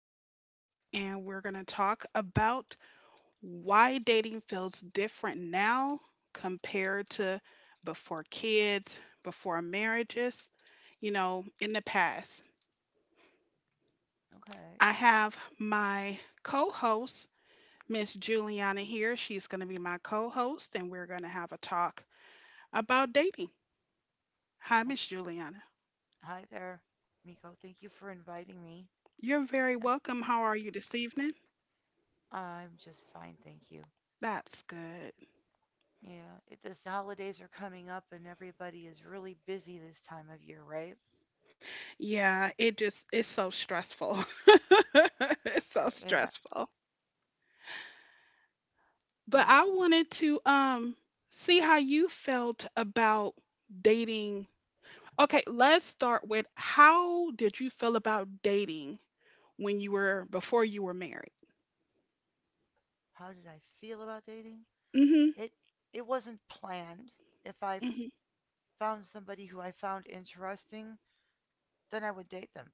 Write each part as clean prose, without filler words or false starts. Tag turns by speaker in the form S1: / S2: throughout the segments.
S1: podcast, and we're going to talk about why dating feels different now compared to before kids, before marriages, you know, in the past.
S2: Okay.
S1: I have my co host, Miss Juliana, here. She's going to be my co host, and we're going to have a talk about dating. Hi,
S2: Well,
S1: Miss Juliana.
S2: hi there, Miko. Thank you for inviting me.
S1: You're very welcome. How are you this evening?
S2: I'm just fine, thank you.
S1: That's good.
S2: Yeah, the holidays are coming up and everybody is really busy this time of year, right?
S1: Yeah, it's so stressful. It's so
S2: Yeah.
S1: stressful. But
S2: No.
S1: I wanted to see how you felt about dating. Okay, let's start with how did you feel about dating when you were before you were married?
S2: How did I feel about dating?
S1: Mhm.
S2: It it wasn't planned. If I f-
S1: Mhm.
S2: Found somebody who I found interesting, then I would date them.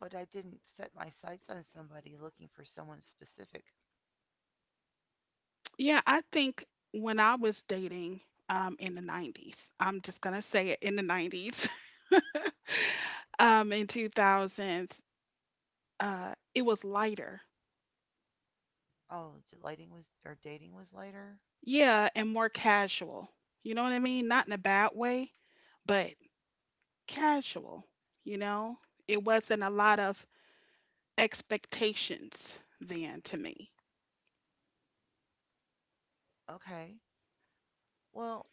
S2: But I didn't set my sights on somebody looking for someone specific.
S1: Yeah, I think when I was dating in the 90s, I'm just going to say it in the 90s, in 2000s, it was lighter.
S2: Oh, lighting was or dating was later.
S1: Yeah, and more casual. You know what I mean? Not in a bad way, but casual, you know? It wasn't a lot of expectations then to me.
S2: Okay. Well,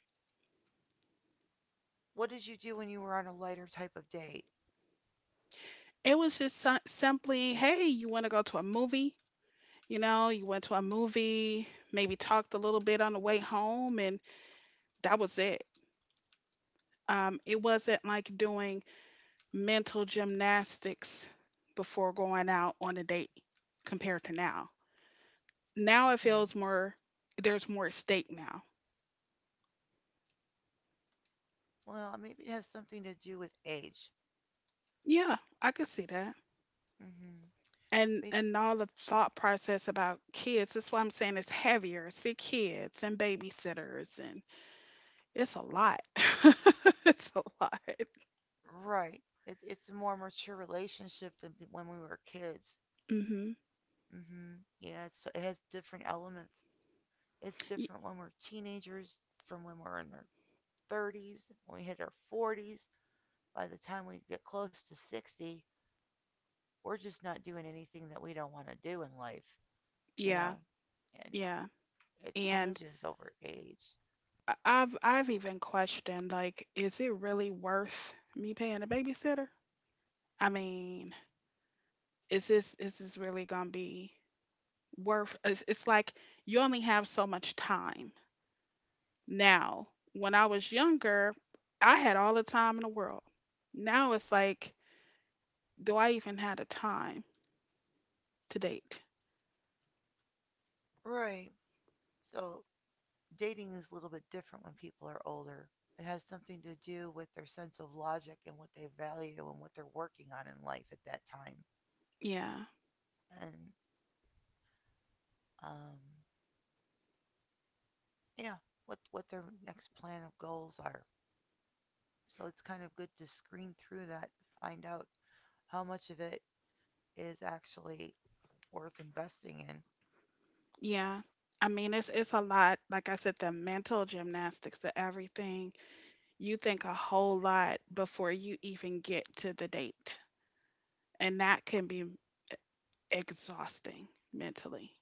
S2: what did you do when you were on a lighter type of date?
S1: It was just simply, hey, you want to go to a movie? You know, you went to a movie, maybe talked a little bit on the way home, and that was it. It wasn't like doing mental gymnastics before going out on a date compared to now. Now it
S2: Okay.
S1: feels more There's more at stake now.
S2: Well, maybe it has something to do with age.
S1: Yeah, I could see that.
S2: Mhm.
S1: And
S2: Be-
S1: and all the thought process about kids, that's why I'm saying it's heavier. See kids and babysitters and it's a lot. It's a lot.
S2: right. It's a more mature relationship than when we were kids.
S1: Hmm.
S2: Mhm. Yeah, it has different elements. It's different when we're teenagers from when we're in our 30s, when we hit our 40s. By the time we get close to 60, we're just not doing anything that we don't want to do in life, you
S1: Yeah,
S2: know? And
S1: yeah.
S2: it
S1: And
S2: changes over age.
S1: I've even questioned like, is it really worth me paying a babysitter? I mean, is this really gonna be worth? It's like you only have so much time. Now, when I was younger, I had all the time in the world. Now it's like, do I even have the time to date?
S2: Right. So dating is a little bit different when people are older. It has something to do with their sense of logic and what they value and what they're working on in life at that time.
S1: Yeah,
S2: And um, yeah, what their next plan of goals are. So it's kind of good to screen through that, to find out how much of it is actually worth investing in.
S1: yeah. I mean, it's a lot. Like I said, the mental gymnastics, the everything. You think a whole lot before you even get to the date, and that can be exhausting mentally.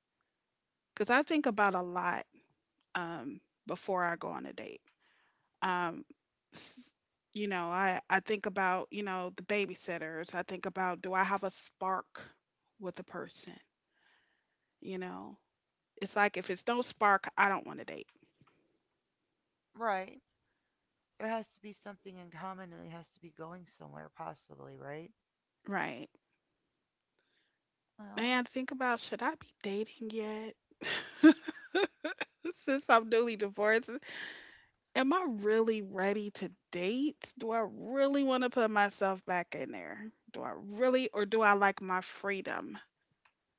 S1: Because I think about a lot um, before I go on a date. Um, s- you know, I think about the babysitters. I think about do I have a spark with the person? You know, it's like if it's no spark, I don't want to date,
S2: Right. There has to be something in common and it has to be going somewhere possibly, right?
S1: right?
S2: Well,
S1: And I think about should I be dating yet? Since I'm newly divorced, am I really ready to date? Do I really want to put myself back in there? Do I really, or do I like my freedom?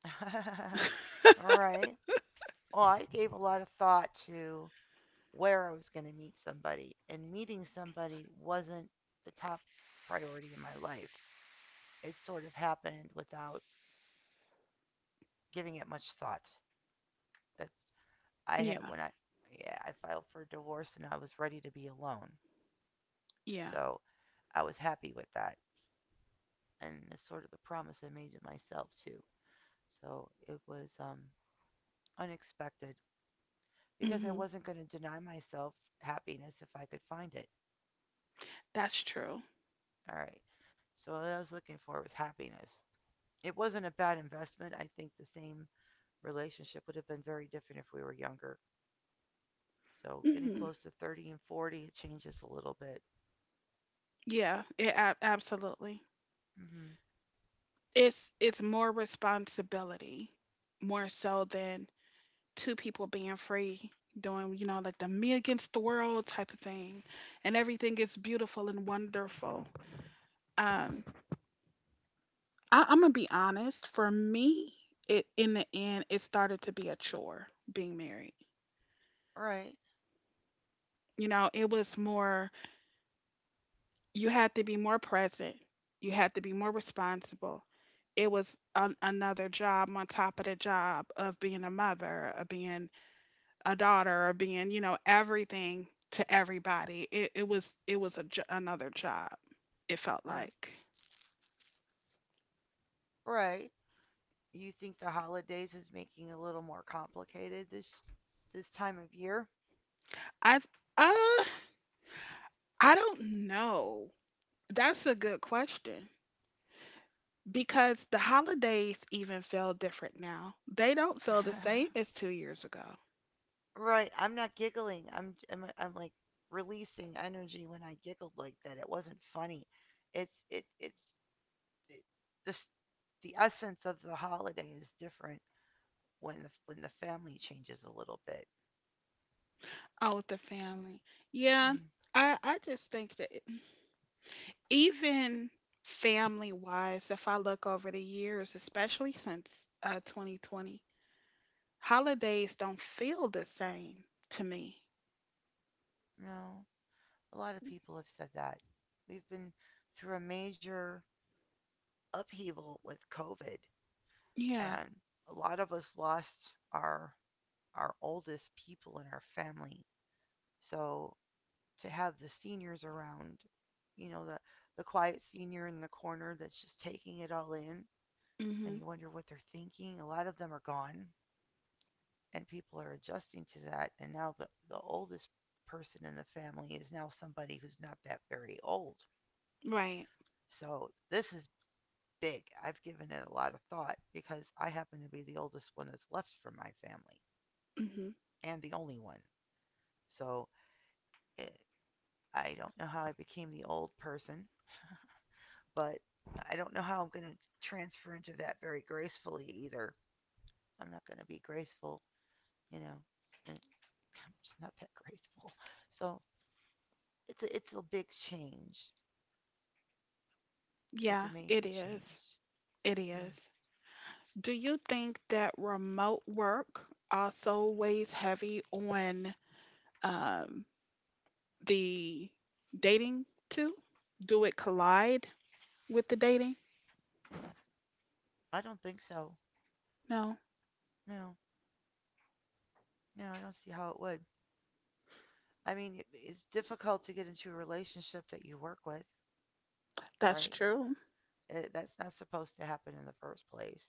S2: all right. Well, I gave a lot of thought to where I was going to meet somebody, and meeting somebody wasn't the top priority in my life. It sort of happened without giving it much thought. That I had
S1: Yeah,
S2: when I Yeah, I filed for divorce and I was ready to be alone.
S1: yeah.
S2: So, I was happy with that and it's sort of the promise I made to myself too. So, it was unexpected because I
S1: Hmm,
S2: wasn't going to deny myself happiness if I could find it.
S1: that's true.
S2: All right. So what I was looking for was happiness. It wasn't a bad investment. I think the same relationship would have been very different if we were younger. So getting
S1: Hmm.
S2: close to 30 and 40, it changes a little bit.
S1: Yeah, it absolutely.
S2: Mm-hmm.
S1: It's more responsibility, more so than two people being free doing, you know, like the me against the world type of thing, and everything is beautiful and wonderful. Um, I'm gonna be honest. For me, it in the end, it started to be a chore being married.
S2: All right.
S1: You know, it was more you had to be more present. You had to be more responsible. It was an another job on top of the job of being a mother, of being a daughter, of being, you know, everything to everybody. It was another job. It felt
S2: All right.
S1: like
S2: All right. You think the holidays is making it a little more complicated this time of year?
S1: I uh I don't know. That's a good question because the holidays even feel different now. They don't feel the same as 2 years ago.
S2: Right. I'm not giggling. I'm like releasing energy when I giggled like that. It wasn't funny. It's the, the the essence of the holiday is different when the family changes a little bit.
S1: Oh, with the family. Yeah,
S2: Hmm,
S1: I just think that even family wise, if I look over the years, especially since 2020, holidays don't feel the same to me.
S2: no, a lot of people have said that. We've been through a major upheaval with COVID,
S1: Yeah.
S2: and a lot of us lost our oldest people in our family. So to have the seniors around, you know, the quiet senior in the corner that's just taking it all in, and you
S1: Mhm.
S2: wonder what they're thinking. A lot of them are gone. And people are adjusting to that. And now the oldest person in the family is now somebody who's not that very old.
S1: Right.
S2: So this is big. I've given it a lot of thought because I happen to be the oldest one that's left from my family
S1: Mhm.
S2: and the only one. So it, I don't know how I became the old person, but I don't know how I'm going to transfer into that very gracefully either. I'm not going to be graceful, you know. I'm just not that graceful. So it's a big change. It's a
S1: Yeah,
S2: major
S1: it
S2: change.
S1: is. It
S2: Hmm.
S1: is. Do you think that remote work also weighs heavy on um the dating too? Do it collide with the dating?
S2: I don't think so.
S1: No,
S2: No, no, I don't see how it would. I mean, it's difficult to get into a relationship that you work with,
S1: that's
S2: right?
S1: true.
S2: Eh, that's not supposed to happen in the first place.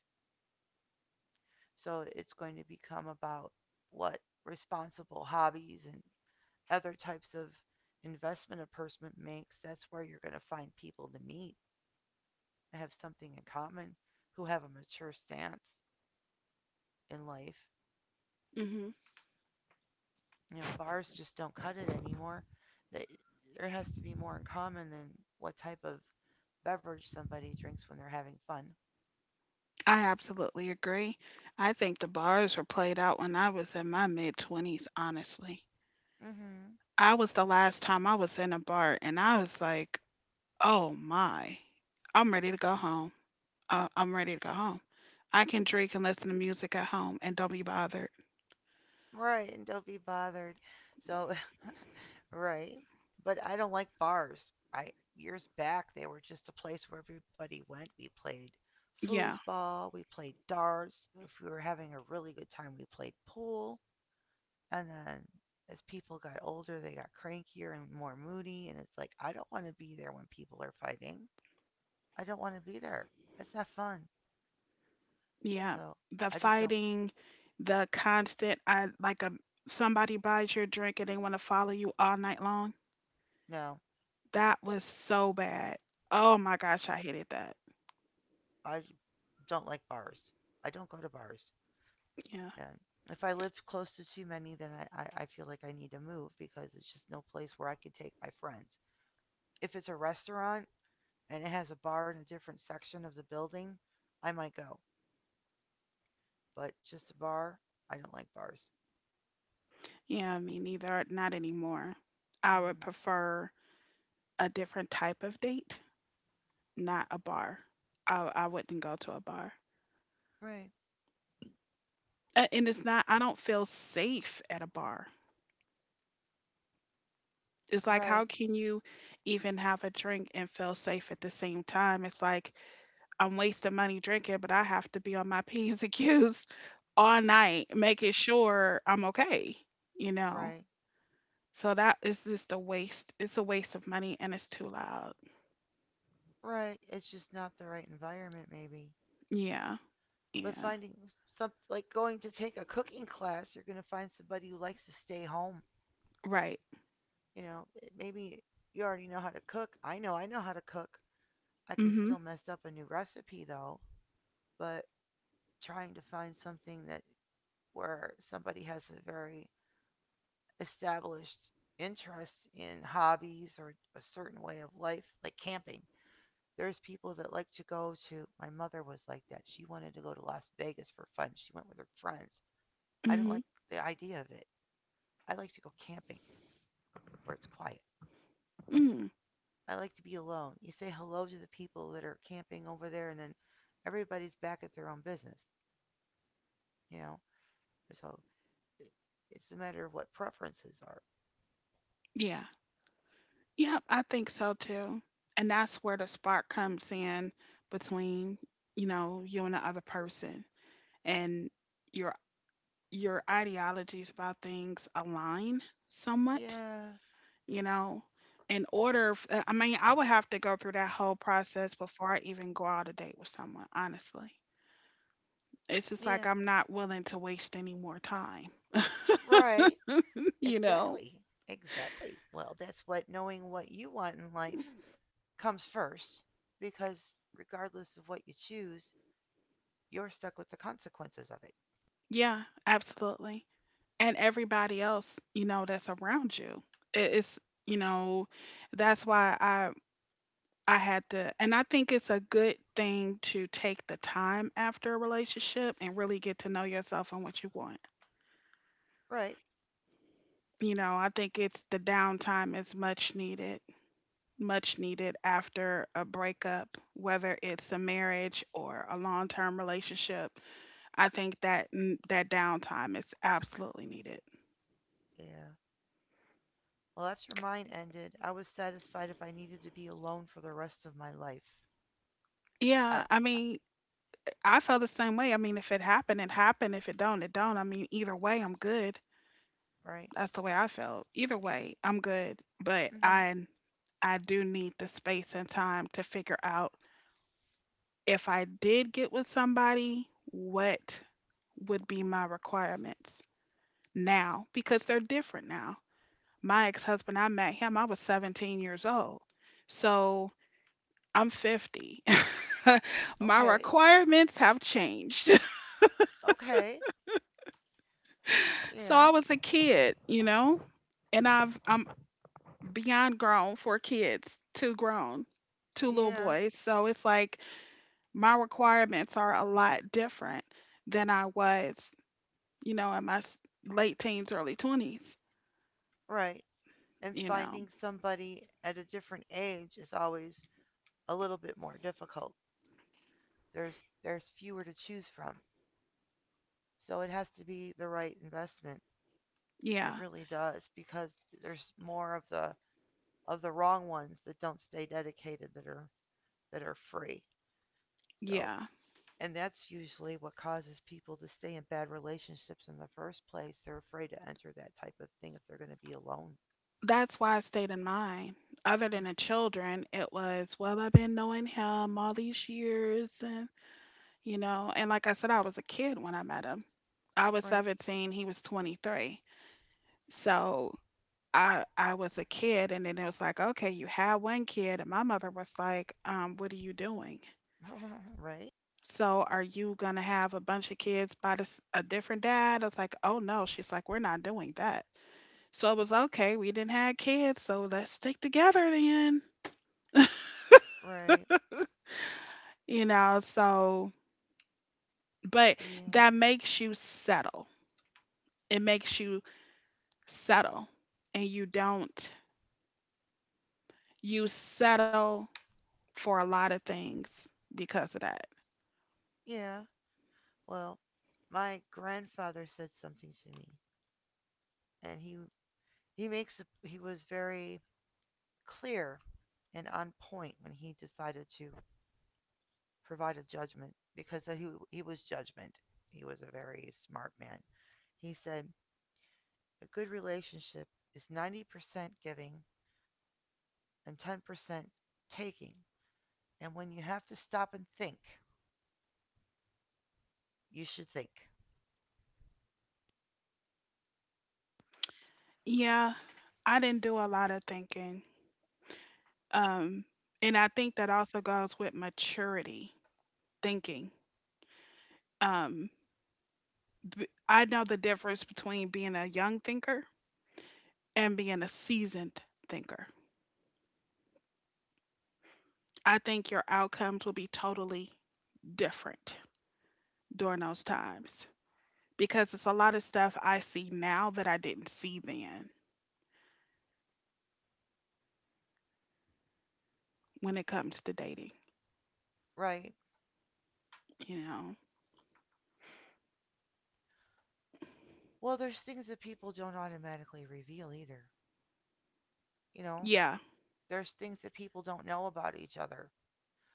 S2: So it's going to become about what responsible hobbies and other types of investment a person makes. That's where you're going to find people to meet and have something in common who have a mature stance in life.
S1: Hmm.
S2: You know, bars just don't cut it anymore. There has to be more in common than what type of beverage somebody drinks when they're having fun.
S1: I absolutely agree. I think the bars were played out when I was in my mid 20s, honestly.
S2: Mhm.
S1: I was the last time I was in a bar, and I was like, oh my, I'm ready to go home. I'm ready to go home. I can drink and listen to music at home and don't be bothered.
S2: Right, and don't be bothered. So right. But I don't like bars. I Years back they were just a place where everybody went. We played
S1: Yeah,
S2: foosball, we played darts. If we were having a really good time, we played pool. And then as people got older, they got crankier and more moody. And it's like, I don't want to be there when people are fighting. I don't want to be there. That's not fun.
S1: yeah.
S2: So
S1: The
S2: I just don't,
S1: fighting, the constant, I like a somebody buys your drink and they want to follow you all night long.
S2: no,
S1: That was so bad. Oh my gosh, I hated that.
S2: I j- don't like bars. I don't go to bars.
S1: Yeah.
S2: And if I live close to too many, then I feel like I need to move because it's just no place where I can take my friends. If it's a restaurant and it has a bar in a different section of the building, I might go. But just a bar, I don't like bars.
S1: Yeah, me neither. Not anymore. I would
S2: Hmm.
S1: prefer a different type of date, not a bar. I wouldn't go to a bar.
S2: Right.
S1: And it's not, I don't feel safe at a bar. It's like, how
S2: Right,
S1: can you even have a drink and feel safe at the same time? It's like, I'm wasting money drinking, but I have to be on my P's and Q's all night, making sure I'm okay, you know?
S2: right,
S1: So that is just a waste. It's a waste of money and it's too loud.
S2: right. It's just not the right environment, maybe.
S1: Yeah.
S2: But
S1: Yeah.
S2: finding some like going to take a cooking class, you're gonna find somebody who likes to stay home.
S1: Right.
S2: You know, maybe you already know how to cook. I know how to cook. I can
S1: Mhm.
S2: still mess up a new recipe though. But trying to find something that where somebody has a very established interest in hobbies or a certain way of life, like camping. There's people that like to go to. My mother was like that. She wanted to go to Las Vegas for fun. She went with her friends. I don't
S1: Mhm.
S2: like the idea of it. I like to go camping where it's quiet.
S1: Mm.
S2: I like to be alone. You say hello to the people that are camping over there, and then everybody's back at their own business, you know? So it's a matter of what preferences are.
S1: Yeah. Yep, I think so too. And that's where the spark comes in between, you know, you and the other person and your your ideologies about things align somewhat,
S2: Yeah,
S1: you know. In order, I mean, I would have to go through that whole process before I even go out a date with someone, honestly. It's just like
S2: yeah,
S1: I'm not willing to waste any more time,
S2: right.
S1: you know?
S2: Exactly. Exactly. Well, that's what knowing what you want in life comes first because regardless of what you choose, you're stuck with the consequences of it.
S1: Yeah, absolutely. And everybody else, you know, that's around you. It's, you know, that's why I had to and I think it's a good thing to take the time after a relationship and really get to know yourself and what you want.
S2: Right?
S1: You know, I think it's the downtime is much needed after a breakup, whether it's a marriage or a long-term relationship. I think that that downtime is absolutely needed.
S2: Yeah. Well, after mine ended, I was satisfied if I needed to be alone for the rest of my life. I,
S1: Yeah, I
S2: I
S1: mean, I feel the same way. I mean, if it happened, it happened. If it don't, it don't. I mean, either way, I'm good.
S2: right?
S1: That's the way I felt. Either way, I'm good. But
S2: Mhm.
S1: I do need the space and time to figure out if I did get with somebody, what would be my requirements now because they're different now. My ex husband, I met him, I was 17 years old. So I'm 50. My
S2: Okay.
S1: requirements have changed.
S2: Okay.
S1: So I
S2: Yeah.
S1: was a kid, you know, and I'm beyond grown for kids, two grown, two little
S2: Yeah.
S1: boys. So it's like my requirements are a lot different than I was, you know, in my late teens, early 20s,
S2: Right. And
S1: you know.
S2: finding somebody at a different age is always a little bit more difficult. There's fewer to choose from. So it has to be the right investment. It
S1: Yeah.
S2: really does because there's more of the wrong ones that don't stay dedicated that are free. So
S1: Yeah.
S2: and that's usually what causes people to stay in bad relationships in the first place. They're afraid to enter that type of thing if they're going to be alone.
S1: That's why I stayed in mine. Other
S2: Mm,
S1: than the children, it was, well, I've been knowing him all these years you know. And like I said, I was a kid when I met him. I was
S2: right.
S1: 17, he was 23. So I was a kid, and then it was like, okay, you had one kid, and my mother was like, what are you doing?
S2: Right.
S1: So are you gonna have a bunch of kids by this, a different dad? I was like, oh no. She's like, we're not doing that. So it was okay. We didn't have kids, so let's stick together then.
S2: Right.
S1: You know. So, but
S2: Yeah.
S1: that makes you settle. It makes you settle, and you don't you settle for a lot of things because of that.
S2: Yeah. Well, my grandfather said something to me and he was very clear and on point when he decided to provided judgment because he was judgment. He was a very smart man. He said, a good relationship is 90% giving and 10% taking. And when you have to stop and think, you should think,
S1: Yeah, I didn't do a lot of thinking. Um, and I think that also goes with maturity thinking. Um, I know the difference between being a young thinker and being a seasoned thinker. I think your outcomes will be totally different during those times because it's a lot of stuff I see now that I didn't see then when it comes to dating,
S2: right?
S1: you know.
S2: Well, there's things that people don't automatically reveal either. You know,
S1: Yeah,
S2: there's things that people don't know about each other.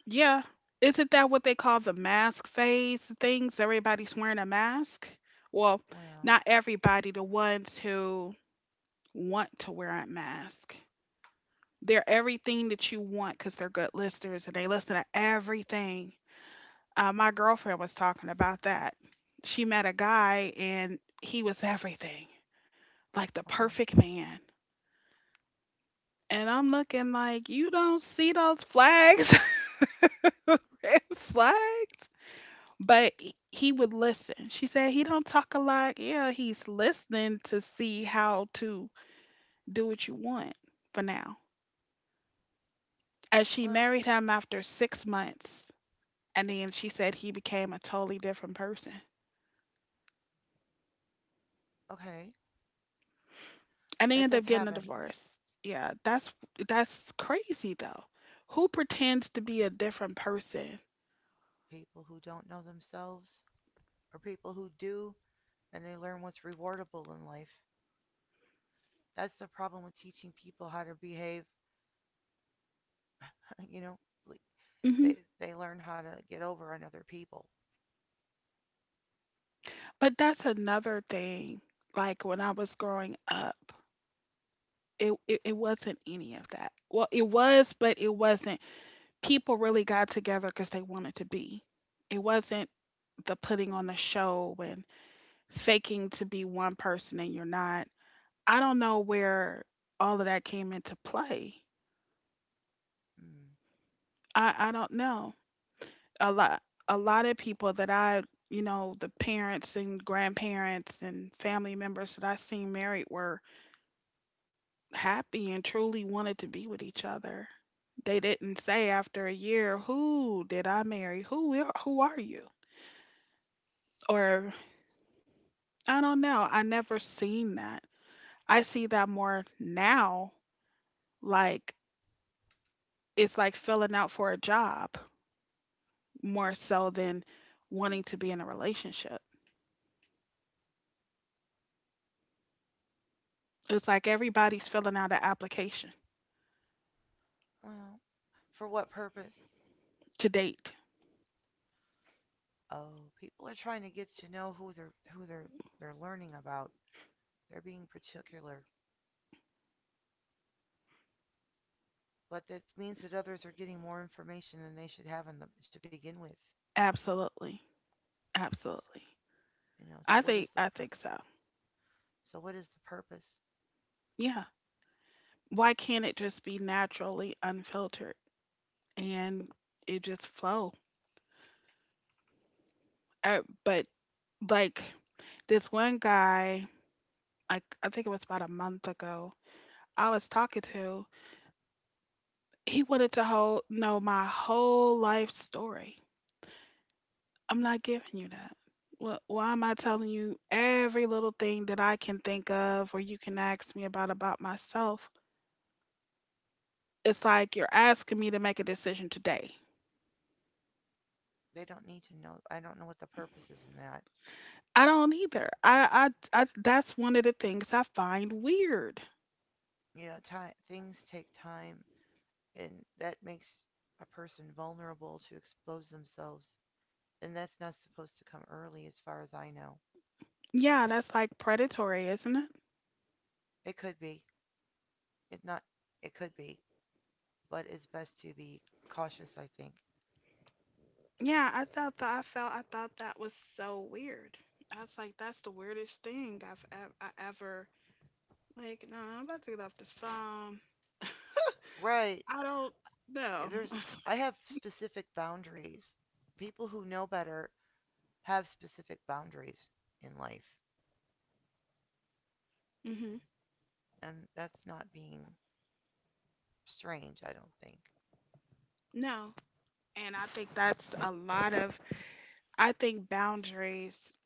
S1: yeah. Isn't that what they call the mask phase things? Everybody's wearing a mask? Well,
S2: Well,
S1: not everybody, the ones who want to wear a mask. They're everything that you want because they're good listeners and they listen to everything. My girlfriend was talking about that. She met a guy and he was everything, like the
S2: okay.
S1: perfect man. And I'm looking like, you don't see those flags, red flags? But he would listen. She said he don't talk a lot. Yeah, he's listening to see how to do what you want for now. And she
S2: Well,
S1: married him after 6 months, and then she said he became a totally different person,
S2: okay.
S1: and they
S2: That
S1: ended up
S2: does
S1: getting a
S2: happen.
S1: divorce. Yeah, that's crazy though. Who pretends to be a different person?
S2: People who don't know themselves or people who do and they learn what's rewardable in life. That's the problem with teaching people how to behave. You know, like,
S1: Hmm.
S2: they learn how to get over on other people.
S1: But that's another thing. Like when I was growing up, it wasn't any of that. Well, it was, but it wasn't people really got together because they wanted to be. It wasn't the putting on the show and faking to be one person and you're not. I don't know where all of that came into play.
S2: Mm.
S1: I don't know. A lot a lot of people that I you know, the parents and grandparents and family members that I seen married were happy and truly wanted to be with each other. They didn't say after a year, "Who did I marry? Who are you?" Or I don't know. I never seen that. I see that more now. Like, it's like filling out for a job more so than wanting to be in a relationship. It's like everybody's filling out an application
S2: Well, for what purpose?
S1: to date.
S2: Oh, people are trying to get to know who they're learning about. They're being particular, but that means that others are getting more information than they should have to begin with.
S1: Absolutely. Absolutely.
S2: You know, so
S1: I
S2: what is
S1: think
S2: the
S1: I think so.
S2: purpose?
S1: Yeah. Why can't it just be naturally unfiltered and it just flow? But, like, this one guy, like, I think it was about a month ago. I was talking to He wanted to know my whole life story. I'm not giving you that. Why am I telling you every little thing that I can think of or you can ask me about myself? It's like you're asking me to make a decision today.
S2: They don't need to know. I don't know what the purpose is in that.
S1: I don't either. I That's one of the things I find weird.
S2: You know, time things take time and that makes a person vulnerable to expose themselves and that's not supposed to come early as far as I know.
S1: Yeah, that's like predatory, isn't it?
S2: It could be. It not It could be, but it's best to be cautious, I think.
S1: Yeah, I thought that was so weird. I was like, that's the weirdest thing I ever. Like, no, nah, I'm about to get off this phone.
S2: Right.
S1: I don't know.
S2: There's I have specific boundaries people who know better have specific boundaries in life,
S1: Hmm.
S2: and that's not being strange, I don't think.
S1: No. And I think that's a lot of, I think boundaries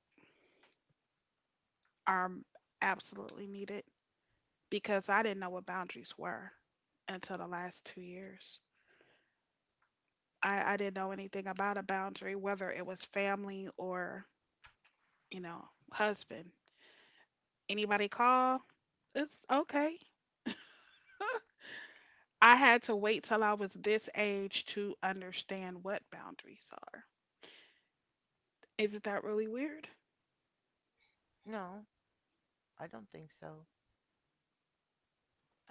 S1: are absolutely needed because I didn't know what boundaries were until the last 2 years. I didn't know anything about a boundary, whether it was family or, you know, husband. Anybody call? It's okay. I had to wait till I was this age to understand what boundaries are. Isn't that really weird?
S2: No, I don't think so.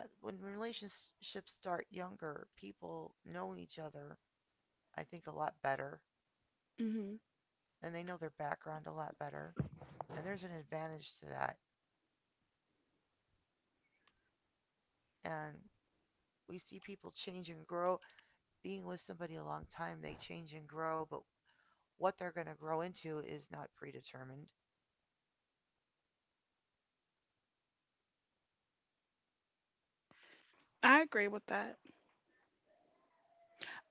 S2: When relationships start younger people know each other, I think, a lot better.
S1: Hmm.
S2: And they know their background a lot better. And there's an advantage to that. And we see people change and grow. Being with somebody a long time, they change and grow, but what they're going to grow into is not predetermined.
S1: I agree with that.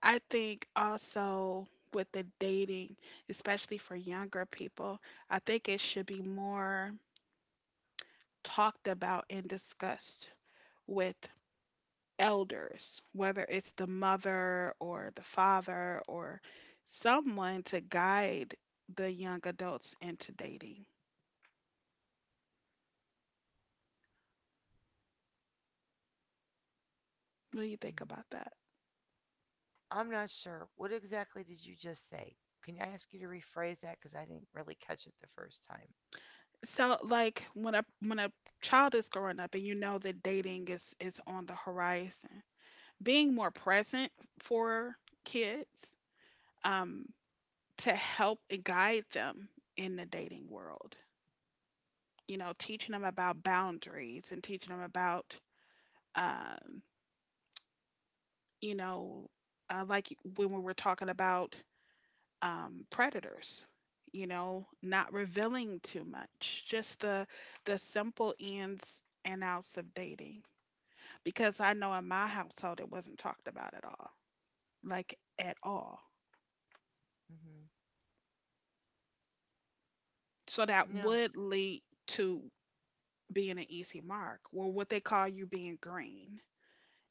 S1: I think also with the dating, especially for younger people, I think it should be more talked about and discussed with elders, whether it's the mother or the father or someone to guide the young adults into dating. What do you think
S2: Hmm.
S1: about that?
S2: I'm not sure. What exactly did you just say? Can I ask you to rephrase that? Because I didn't really catch it the first time.
S1: So, like, when a child is growing up and you know that dating is on the horizon, being more present for kids, um, to help and guide them in the dating world. You know, teaching them about boundaries and teaching them about, um, you know, like when we were talking about, predators. You know, not revealing too much, just the simple ins and outs of dating. Because I know in my household it wasn't talked about at all, like, at all.
S2: hmm
S1: So that
S2: No,
S1: would lead to being an easy mark or what they call you being green.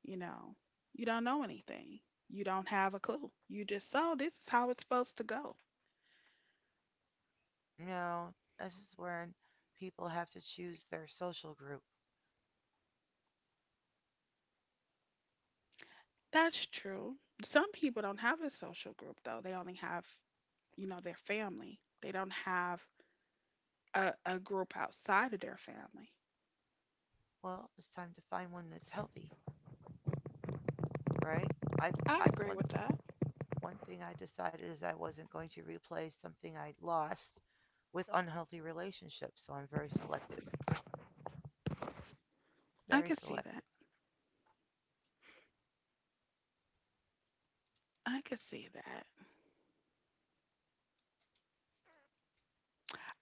S1: You know, you don't know anything, you don't have a clue. You just, oh, this is how it's supposed to go.
S2: no, this is when people have to choose their social group.
S1: That's true. Some people don't have a social group, though. They only have, you know, their family. They don't have a group outside of their family.
S2: Well, it's time to find one that's healthy, right? I,
S1: I
S2: I
S1: agree
S2: one
S1: with that.
S2: One thing I decided is I wasn't going to replay something I lost with unhealthy relationships, so I'm very selective.
S1: I
S2: Very
S1: could see that.
S2: selective.
S1: I could see that.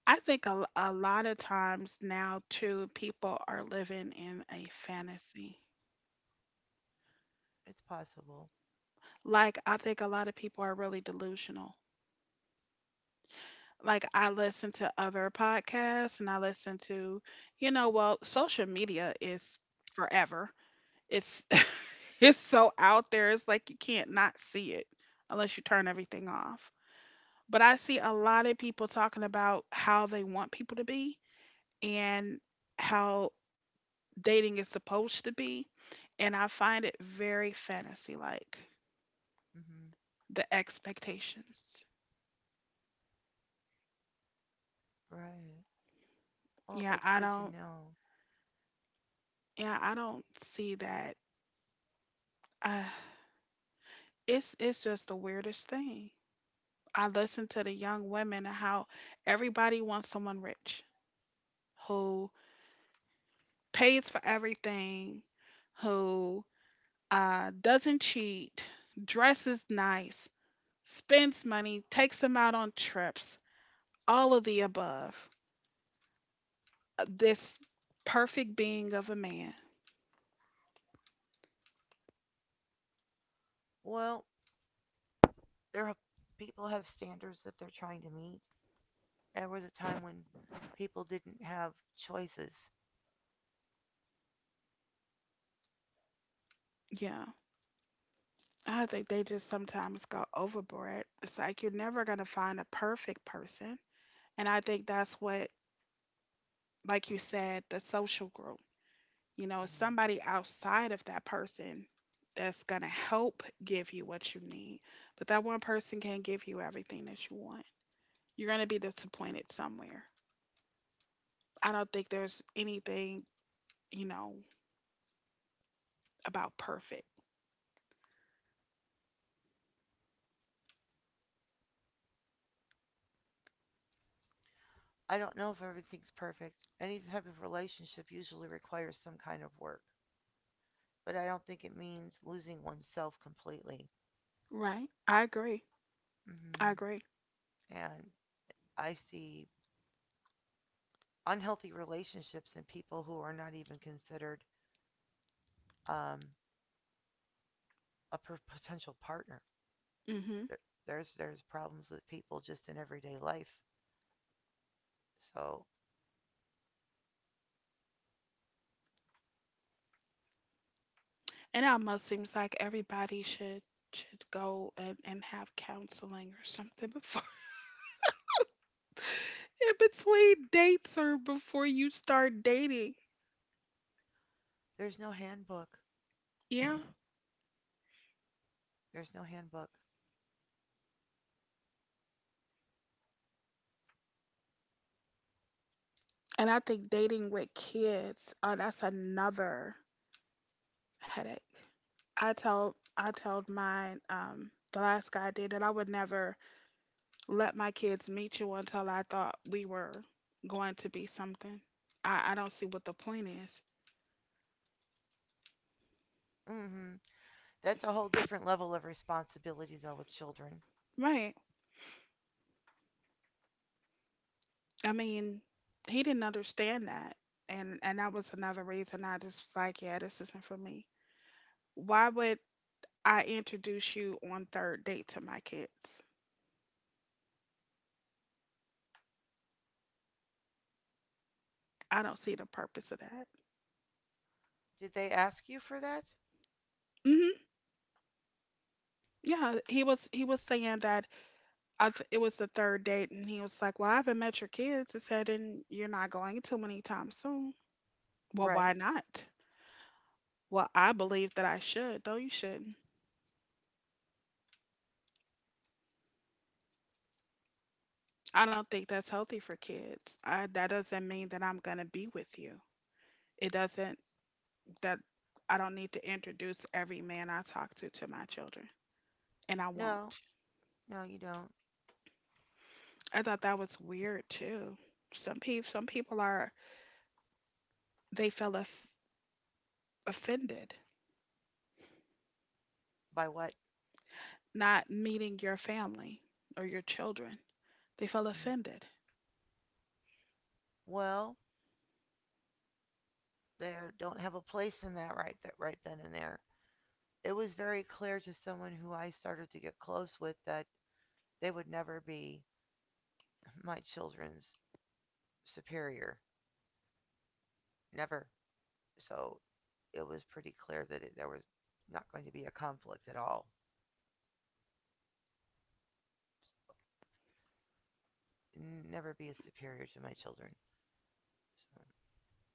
S1: I think a lot of times now, too, people are living in a fantasy.
S2: It's possible.
S1: Like, I think a lot of people are really delusional. Like, I listen to other podcasts and I listen to, you know, well, social media is forever. It's it's so out there. It's like you can't not see it unless you turn everything off. But I see a lot of people talking about how they want people to be and how dating is supposed to be, and I find it very fantasy like,
S2: Hmm
S1: the expectations.
S2: Right. Well,
S1: Yeah,
S2: it's
S1: I
S2: good to
S1: don't
S2: know.
S1: Yeah, I don't see that. Uh, it's just the weirdest thing. I listen to the young women and how everybody wants someone rich who pays for everything, who doesn't cheat, dresses nice, spends money, takes them out on trips, all of the above. This perfect being of a man.
S2: Well, there are people have standards that they're trying to meet. There was a time when people didn't have choices.
S1: Yeah. I think they just sometimes go overboard. It's like you're never going to find a perfect person. And I think that's what, like you said, the social group, you know,
S2: Mm.
S1: somebody outside of that person that's going to help give you what you need. But that one person can't give you everything that you want. You're going to be disappointed somewhere. I don't think there's anything, you know, about perfect.
S2: I don't know if everything's perfect. Any type of relationship usually requires some kind of work, but I don't think it means losing oneself completely.
S1: Right. I agree. I
S2: Hmm
S1: agree.
S2: And I see unhealthy relationships and people who are not even considered um, potential partner.
S1: Hmm.
S2: There, there's problems with people just in everyday life. So
S1: And it almost seems like everybody should go and have counseling or something before. In between dates or before you start dating.
S2: there's no handbook.
S1: Yeah.
S2: There's no handbook.
S1: And I think dating with kids, that's another headache. I told mine, the last guy I dated, I would never let my kids meet you until I thought we were going to be something. I don't see what the point is.
S2: Hmm That's a whole different level of responsibility though with children.
S1: Right. I mean, he didn't understand that. And that was another reason I just was like, yeah, this isn't for me. Why would I introduce you on third date to my kids? I don't see the purpose of that.
S2: Did they ask you for that?
S1: Hmm. Yeah, he was saying that, it was the third date, and he was like, "Well, I haven't met your kids." He said, "And you're not going to anytime soon." Well,
S2: Right.
S1: why not? Well, I believe that I should. No, you shouldn't. I don't think that's healthy for kids. That doesn't mean that I'm gonna be with you. It doesn't that I don't need to introduce every man I talk to my children, and I
S2: No.
S1: won't.
S2: No, you don't.
S1: I thought that was weird too. Some people are they feel of- offended
S2: By what?
S1: not meeting your family or your children. They feel
S2: Mm.
S1: offended.
S2: Well, they don't have a place in that right then and there. It was very clear to someone who I started to get close with that they would never be my children's superior. Never. So it was pretty clear that there was not going to be a conflict at all. Never be a superior to my children. So,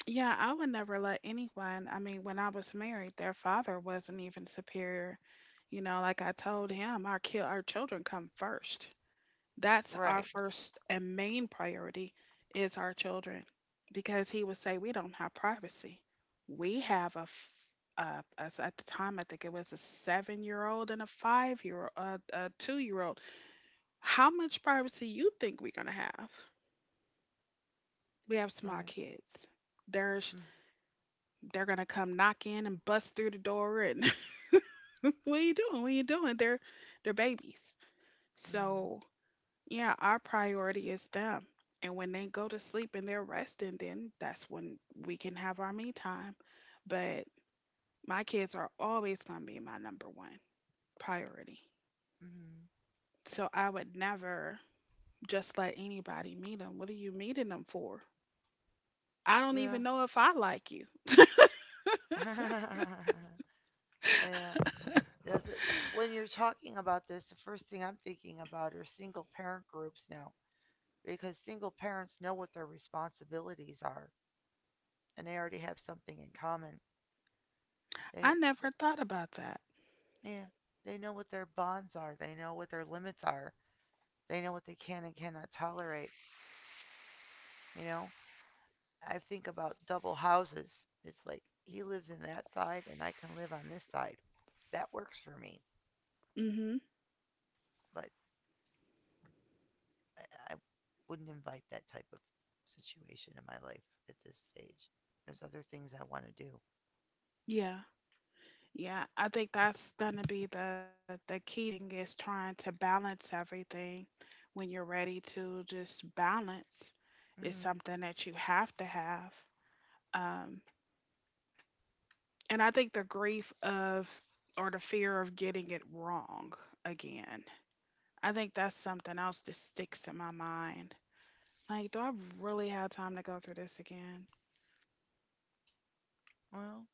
S1: Yeah, I would never let anyone. I mean, when I was married, their father wasn't even superior. You know, like I told him, our children come first. That's
S2: right.
S1: our first and main priority is our children because he would say we don't have privacy. We have as at the time I think it was a 7-year-old and a 5-year, a 2-year-old. How much privacy you think we're gonna have? We have small
S2: Right.
S1: kids. There's
S2: Mm-hmm.
S1: They're gonna come knock in and bust through the door and what are you doing? What are you doing? They're babies. So, yeah, our priority is them. And when they go to sleep and they're resting, then that's when we can have our me time. But my kids are always going to be my number one priority.
S2: Mm-hmm.
S1: So I would never just let anybody meet them. What are you meeting them for? I
S2: Mm-hmm.
S1: don't
S2: Yeah.
S1: even know if I like you.
S2: yeah. Yeah, when you're talking about this, the first thing I'm thinking about are single parent groups now, because single parents know what their responsibilities are and they already have something in common.
S1: I
S2: They,
S1: never thought about that.
S2: they yeah, they know what their bonds are, they know what their limits are, they know what they can and cannot tolerate, you know? I think about double houses. It's like he lives in that side and I can live on this side. That works for me,
S1: Mhm.
S2: but I wouldn't invite that type of situation in my life at this stage. There's other things I want to do.
S1: Yeah. Yeah, I think that's gonna be the key thing is trying to balance everything when you're ready to just balance is
S2: Mhm.
S1: something that you have to have. Um, and I think the grief of or the fear of getting it wrong again. I think that's something else that sticks in my mind. Like, do I really have time to go through this again?
S2: Well,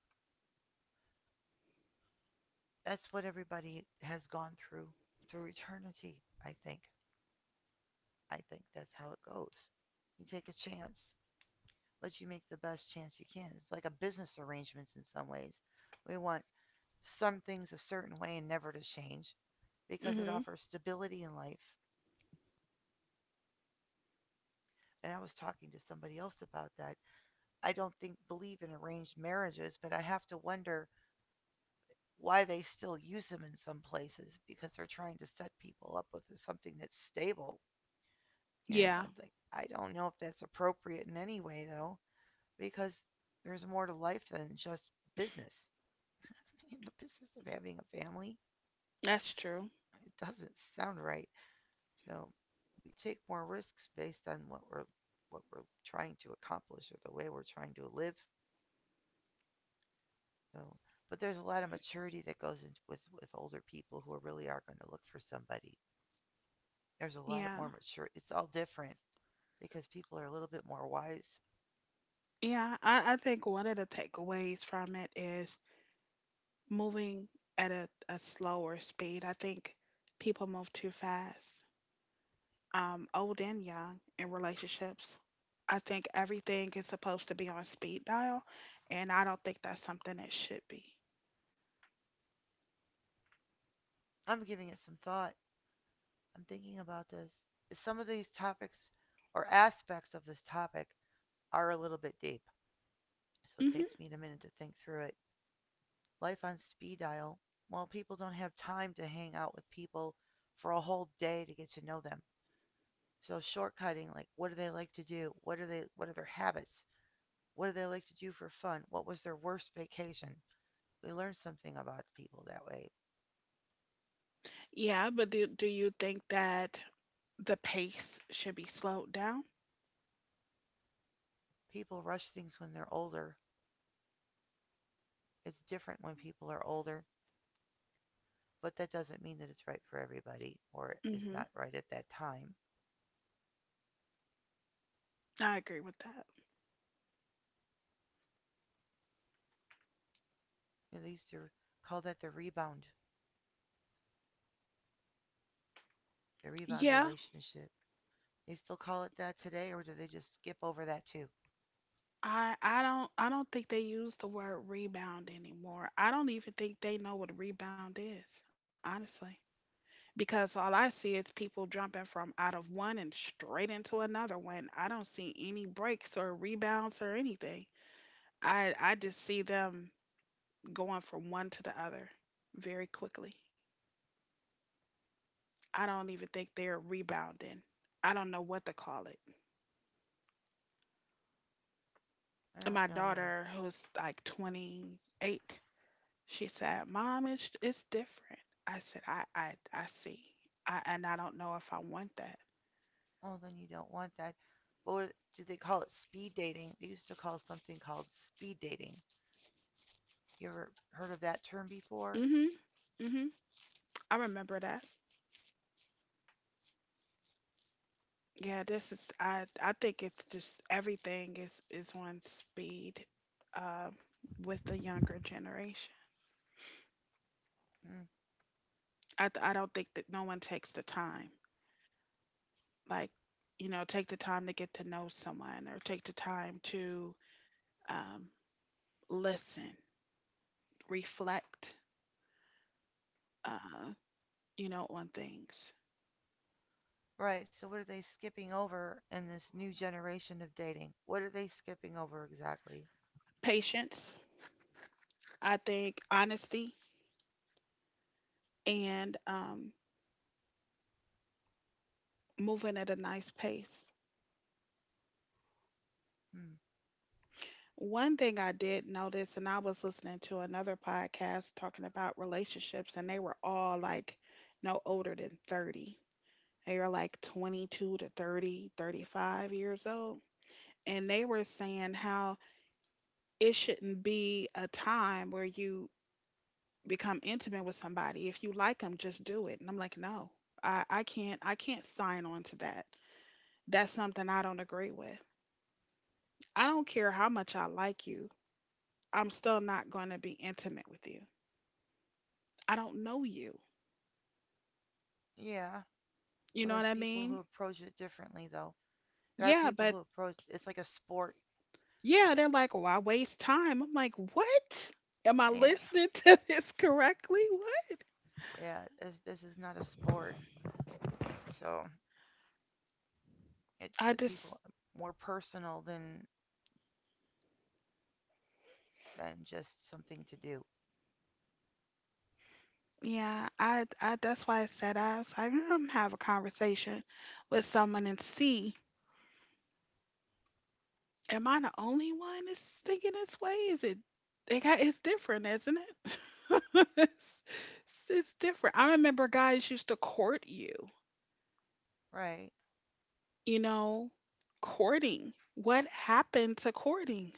S2: that's what everybody has gone through through eternity. I think. I think that's how it goes. You take a chance, but you make the best chance you can. It's like a business arrangement in some ways. We want some things a certain way and never to change because it
S1: Hmm.
S2: offers stability in life. And I was talking to somebody else about that. I don't think believe in arranged marriages, but I have to wonder why they still use them in some places because they're trying to set people up with something that's stable. You know,
S1: Yeah,
S2: like I don't know if that's appropriate in any way though, because there's more to life than just business. The business of having a family,
S1: that's true.
S2: it doesn't sound right. So we take more risks based on what we're trying to accomplish or the way we're trying to live. So, but there's a lot of maturity that goes into with older people who really are going to look for somebody. There's a lot of
S1: Yeah.
S2: more mature. It's all different because people are a little bit more wise.
S1: Yeah, I think one of the takeaways from it is moving at a slower speed. I think people move too fast, old and young, in relationships. I think everything is supposed to be on speed dial, and I don't think that's something that should be.
S2: I'm giving it some thought. I'm thinking about this. Is Some of these topics or aspects of this topic are a little bit deep, so it
S1: Hmm.
S2: takes me a minute to think through it. Life on speed dial. Well, people don't have time to hang out with people for a whole day to get to know them. So shortcutting, like what do they like to do? What are their habits? What do they like to do for fun? What was their worst vacation? We learn something about people that way.
S1: Yeah, but do you think that the pace should be slowed down?
S2: People rush things when they're older. It's different when people are older, but that doesn't mean that it's right for everybody or is
S1: Hmm.
S2: not right at that time.
S1: I agree with that.
S2: You know, they used to call that the rebound
S1: Yeah,
S2: relationship. They still call it that today, or do they just skip over that too?
S1: I don't think they use the word rebound anymore. I don't even think they know what a rebound is, honestly. Because all I see is people jumping from out of one and straight into another one. I don't see any breaks or rebounds or anything. I just see them going from one to the other very quickly. I don't even think they're rebounding. I don't know what to call it.
S2: I
S1: And my
S2: don't know either.
S1: daughter, who's like 28, she said, "Mom, it's different." I said, "I see." And I don't know if I want that.
S2: Well, then you don't want that. But what, do they call it speed dating? They used to call something called speed dating. You ever heard of that term before?
S1: Mhm. Mhm. I remember that. Yeah, this is I think it's just everything is on speed, uh, with the younger generation.
S2: Hmm.
S1: I don't think that no one takes the time, like, you know, take the time to get to know someone or take the time to, um, listen, reflect, uh, you know, on things.
S2: Right, so what are they skipping over in this new generation of dating? What are they skipping over exactly?
S1: Patience, I think honesty and, moving at a nice pace.
S2: Hmm.
S1: One thing I did notice, and I was listening to another podcast talking about relationships, and they were all, like, no older than 30. They were, like, 22 to 30, 35 years old. And they were saying how it shouldn't be a time where you become intimate with somebody. If you like them, just do it. And I'm like, no, I can't sign on to that. That's something I don't agree with. I don't care how much I like you. I'm still not going to be intimate with you. I don't know you.
S2: Yeah,
S1: You know
S2: well,
S1: what I
S2: there's people
S1: mean?
S2: who approach it differently, though. There are
S1: Yeah,
S2: people
S1: but
S2: who approach it's like a sport.
S1: yeah,
S2: eh,
S1: they're like, well, I waste time. I'm like, what? Am I
S2: Yeah,
S1: listening to this correctly? What?
S2: yeah. This is not a sport, so it's
S1: I
S2: people
S1: just,
S2: more personal than just something to do,
S1: yeah, that's why I said. I was like, I'm have a conversation with someone and see, am I the only one that's thinking this way? Is it, it got, it's different, isn't it? it's, it's different. I remember guys used to court you.
S2: right?
S1: You know, courting. What happened to courting?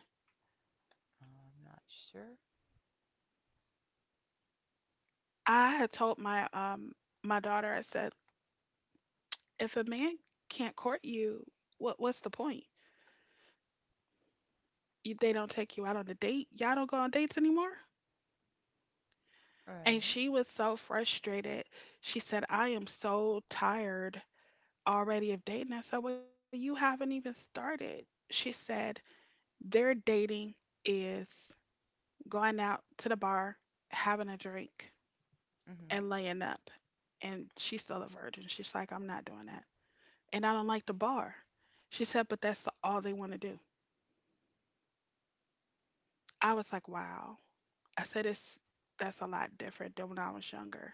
S2: I'm not sure.
S1: I had told my my daughter, I said, if a man can't court you, what's the point? You, they don't take you out on a date. Y'all don't go on dates anymore. And
S2: Right.
S1: she was so frustrated. She said, I am so tired already of dating. I said, well, you haven't even started. She said, their dating is going out to the bar, having a drink,
S2: Mhm.
S1: and laying up. And she's still a virgin. She's like, I'm not doing that. And I don't like the bar. She said, but that's all they want to do. I was like, wow. I said, it's that's a lot different than when I was younger.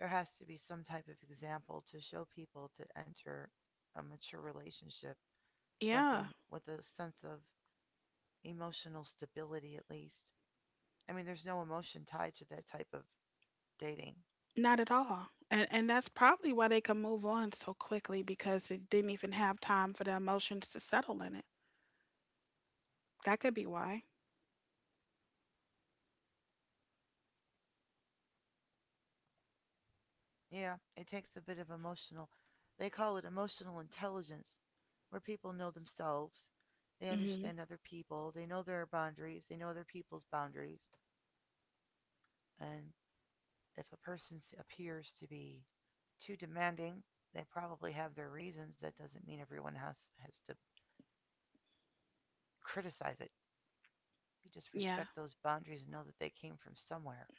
S2: There has to be some type of example to show people to enter a mature relationship,
S1: Yeah,
S2: something with a sense of emotional stability at least. I mean, there's no emotion tied to that type of dating.
S1: not at all. And that's probably why they can move on so quickly, because it didn't even have time for the emotions to settle in it. That could be why.
S2: Yeah, it takes a bit of emotional. They call it emotional intelligence, where people know themselves, they
S1: Hmm.
S2: understand other people, they know their boundaries, they know other people's boundaries. And if a person appears to be too demanding, they probably have their reasons. That doesn't mean has to criticize it. You just
S1: Yeah,
S2: respect those boundaries and know that they came from somewhere.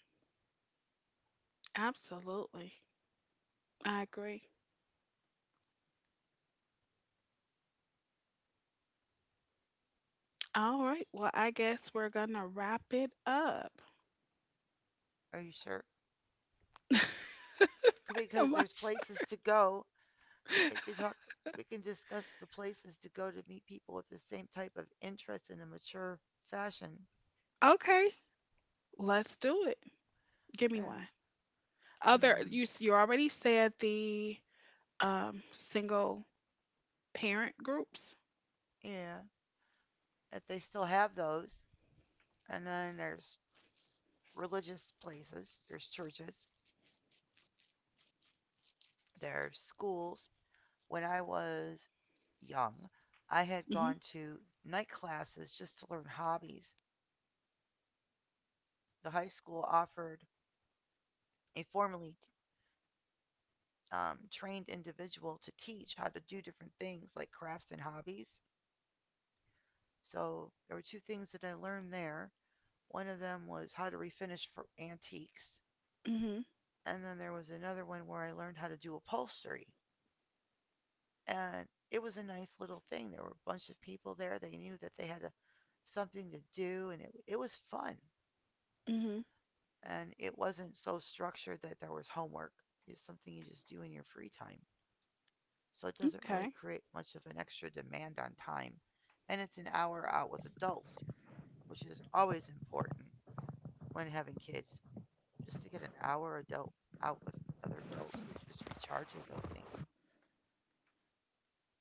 S1: absolutely. I agree. All right, well, I guess we're gonna wrap it up.
S2: Are you sure? Because there's places to go. Like we talk, we can discuss the places to go to meet people with the same type of interest in a mature fashion.
S1: Okay, let's do it. Give me
S2: Yeah.
S1: one. Other,
S2: Mm,
S1: you s- you already said the single parent groups.
S2: yeah. If they still have those. And then there's religious places, there's churches, there's schools. When I was young, I had
S1: Mhm.
S2: gone to night classes just to learn hobbies. The high school offered a formally trained individual to teach how to do different things like crafts and hobbies. So there were two things that I learned there. One of them was how to refinish for antiques,
S1: Mhm.
S2: and then there was another one where I learned how to do upholstery. And it was a nice little thing. There were a bunch of people there. They knew that they had something to do, and it was fun.
S1: Mhm.
S2: And it wasn't so structured that there was homework. It's something you just do in your free time. So it doesn't really
S1: Okay.
S2: create much of an extra demand on time. And it's an hour out with adults, which is always important when having kids just to get an hour adult out with other adults. It just recharges, I think.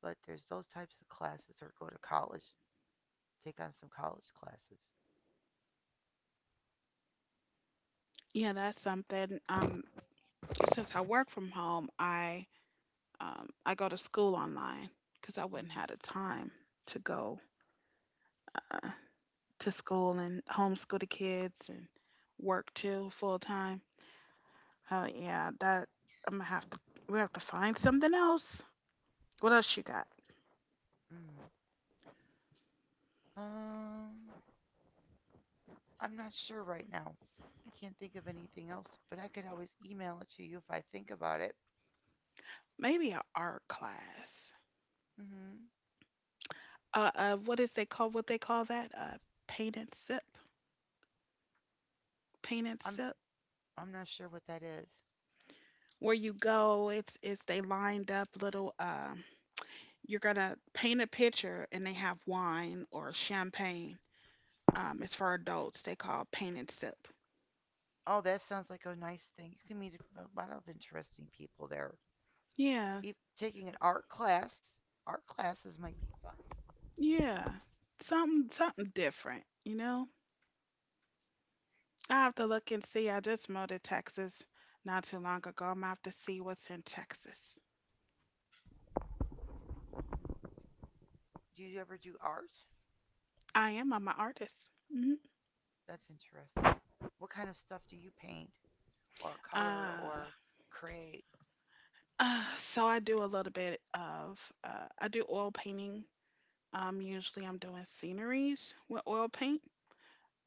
S2: But there's those types of classes, or go to college, take on some college classes.
S1: Yeah, that's something. Since I work from home, I I go to school online, cuz I wouldn't
S2: mm
S1: have the time to go uh, to school and homeschool the kids and work too full time. Oh yeah, that, I'm gonna have to, we have to find something else. What else you got?
S2: mm Um, I'm not sure right now. I can't think of anything else, but I could always email it to you if I think about it.
S1: Maybe an art class.
S2: Hmm
S1: What is they call, what they call that? Paint and sip, paint and
S2: I'm
S1: sip,
S2: I'm not sure what that is.
S1: where you go. It's they lined up little. You're gonna paint a picture, and they have wine or champagne. It's for adults. They call paint and sip.
S2: Oh, that sounds like a nice thing. You can meet a lot of interesting people there.
S1: Yeah,
S2: If taking an art class, art classes might be fun.
S1: yeah, something something different. You know, I have to look and see. I just moved to Texas not too long ago. I'm gonna have to see what's in Texas.
S2: Do you ever do art?
S1: I am. I'm an artist. Hmm.
S2: That's interesting. What kind of stuff do you paint or color
S1: Uh,
S2: or create?
S1: uh, so I do a little bit of I do oil painting. Usually I'm doing sceneries with oil paint.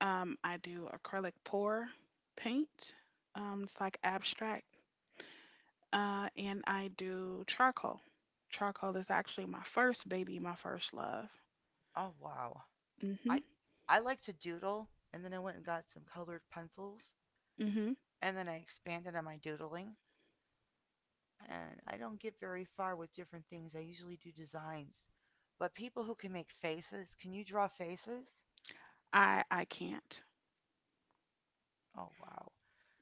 S1: I do acrylic pour paint. It's like abstract. And I do charcoal. Charcoal is actually my first baby, my first love.
S2: Oh wow.
S1: Mhm.
S2: I like to doodle and then I went and got some colored pencils
S1: Mhm.
S2: and then I expanded on my doodling, and I don't get very far with different things. I usually do designs. But people who can make faces, can you draw faces?
S1: I can't.
S2: Oh wow.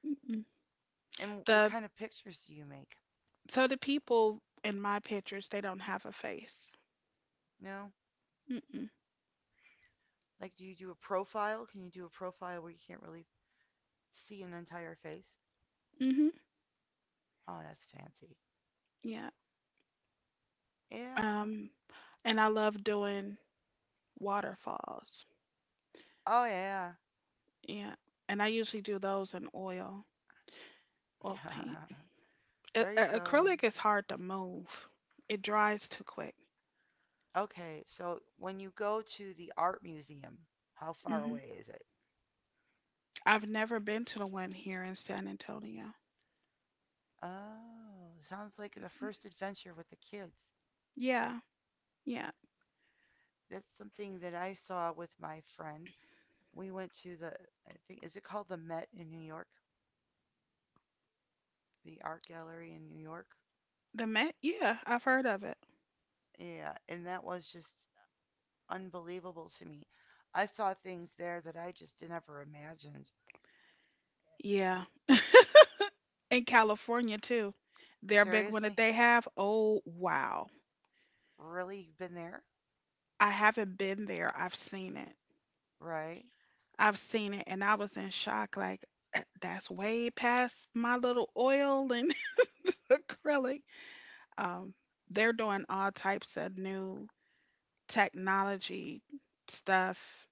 S1: Mm-mm.
S2: And what
S1: The
S2: kind of pictures do you make?
S1: So the people in my pictures, they don't have a face.
S2: No?
S1: Mm-mm.
S2: Like do you do a profile? Can you do a profile where you can't really see an entire face?
S1: Mhm.
S2: Oh, that's fancy.
S1: Yeah.
S2: Yeah.
S1: Um, and I love doing waterfalls.
S2: Oh yeah.
S1: Yeah. And I usually do those in oil, oil paint.
S2: Yeah. There you go.
S1: Acrylic is hard to move. It dries too quick.
S2: Okay, so when you go to the art museum, how far
S1: Hmm.
S2: away is it?
S1: I've never been to the one here in San Antonio.
S2: Oh, sounds like the first adventure with the kids.
S1: Yeah. Yeah.
S2: That's something that I saw with my friend. We went to the I think is it called the Met in New York? The art gallery in New York?
S1: The Met? Yeah, I've heard of it.
S2: Yeah, and that was just unbelievable to me. I saw things there that I just never imagined.
S1: Yeah. In California too. Their big one that
S2: Seriously?
S1: they have. Oh, wow.
S2: Really? You've been there?
S1: I haven't been there. I've seen it.
S2: Right.
S1: I've seen it and I was in shock, like that's way past my little oil and acrylic. Um, they're doing all types of new technology stuff.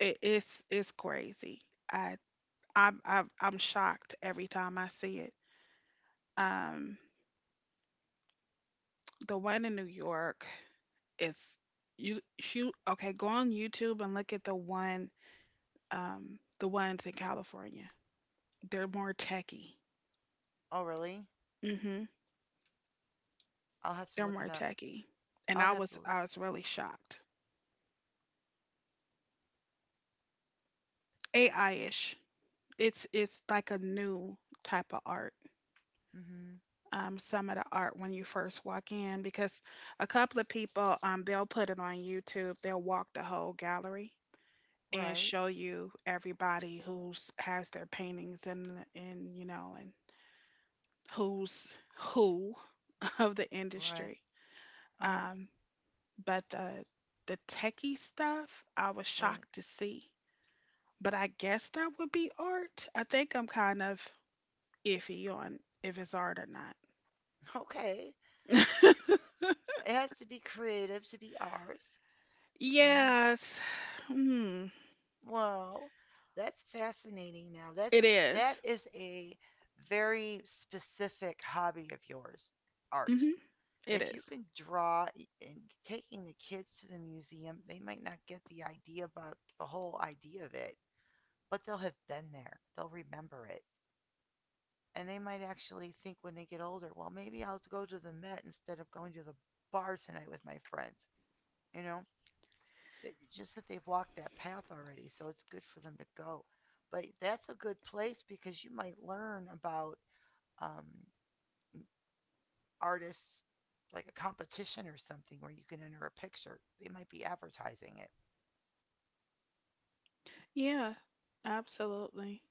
S1: It's crazy. I I'm shocked every time I see it. Um, the one in New York is, you shoot. Okay, go on YouTube and look at the one, the ones in California. They're more techy.
S2: Oh, really?
S1: Mm-hmm.
S2: I'll have to
S1: They're
S2: look it
S1: more
S2: up.
S1: techy, and
S2: I'll have to look.
S1: I was really shocked. AI ish. It's like a new type of art.
S2: It up. Mm-hmm.
S1: Um, some of the art when you first walk in, because a couple of people, they'll put it on YouTube. They'll walk the whole gallery and
S2: Right.
S1: show you everybody who's has their paintings, and you know, and who's who of the
S2: Right.
S1: industry.
S2: Uh-huh.
S1: Um, but the techie stuff, I was
S2: Right.
S1: shocked to see. But I guess that would be art. I think I'm kind of iffy on if it's art or not.
S2: Okay. It has to be creative to be ours. Yeah.
S1: Yes. Hmm.
S2: Well, that's fascinating now.
S1: It
S2: That
S1: is.
S2: is a very specific hobby of yours, art.
S1: Mhm. It
S2: If you
S1: is.
S2: can draw and taking the kids to the museum, they might not get the idea about the whole idea of it, but they'll have been there. They'll remember it. And they might actually think when they get older, well, maybe I'll go to the Met instead of going to the bar tonight with my friends. You know, just that they've walked that path already, so it's good for them to go. But that's a good place because you might learn about um, artists, like a competition or something where you can enter a picture. They might be advertising it.
S1: Yeah, absolutely.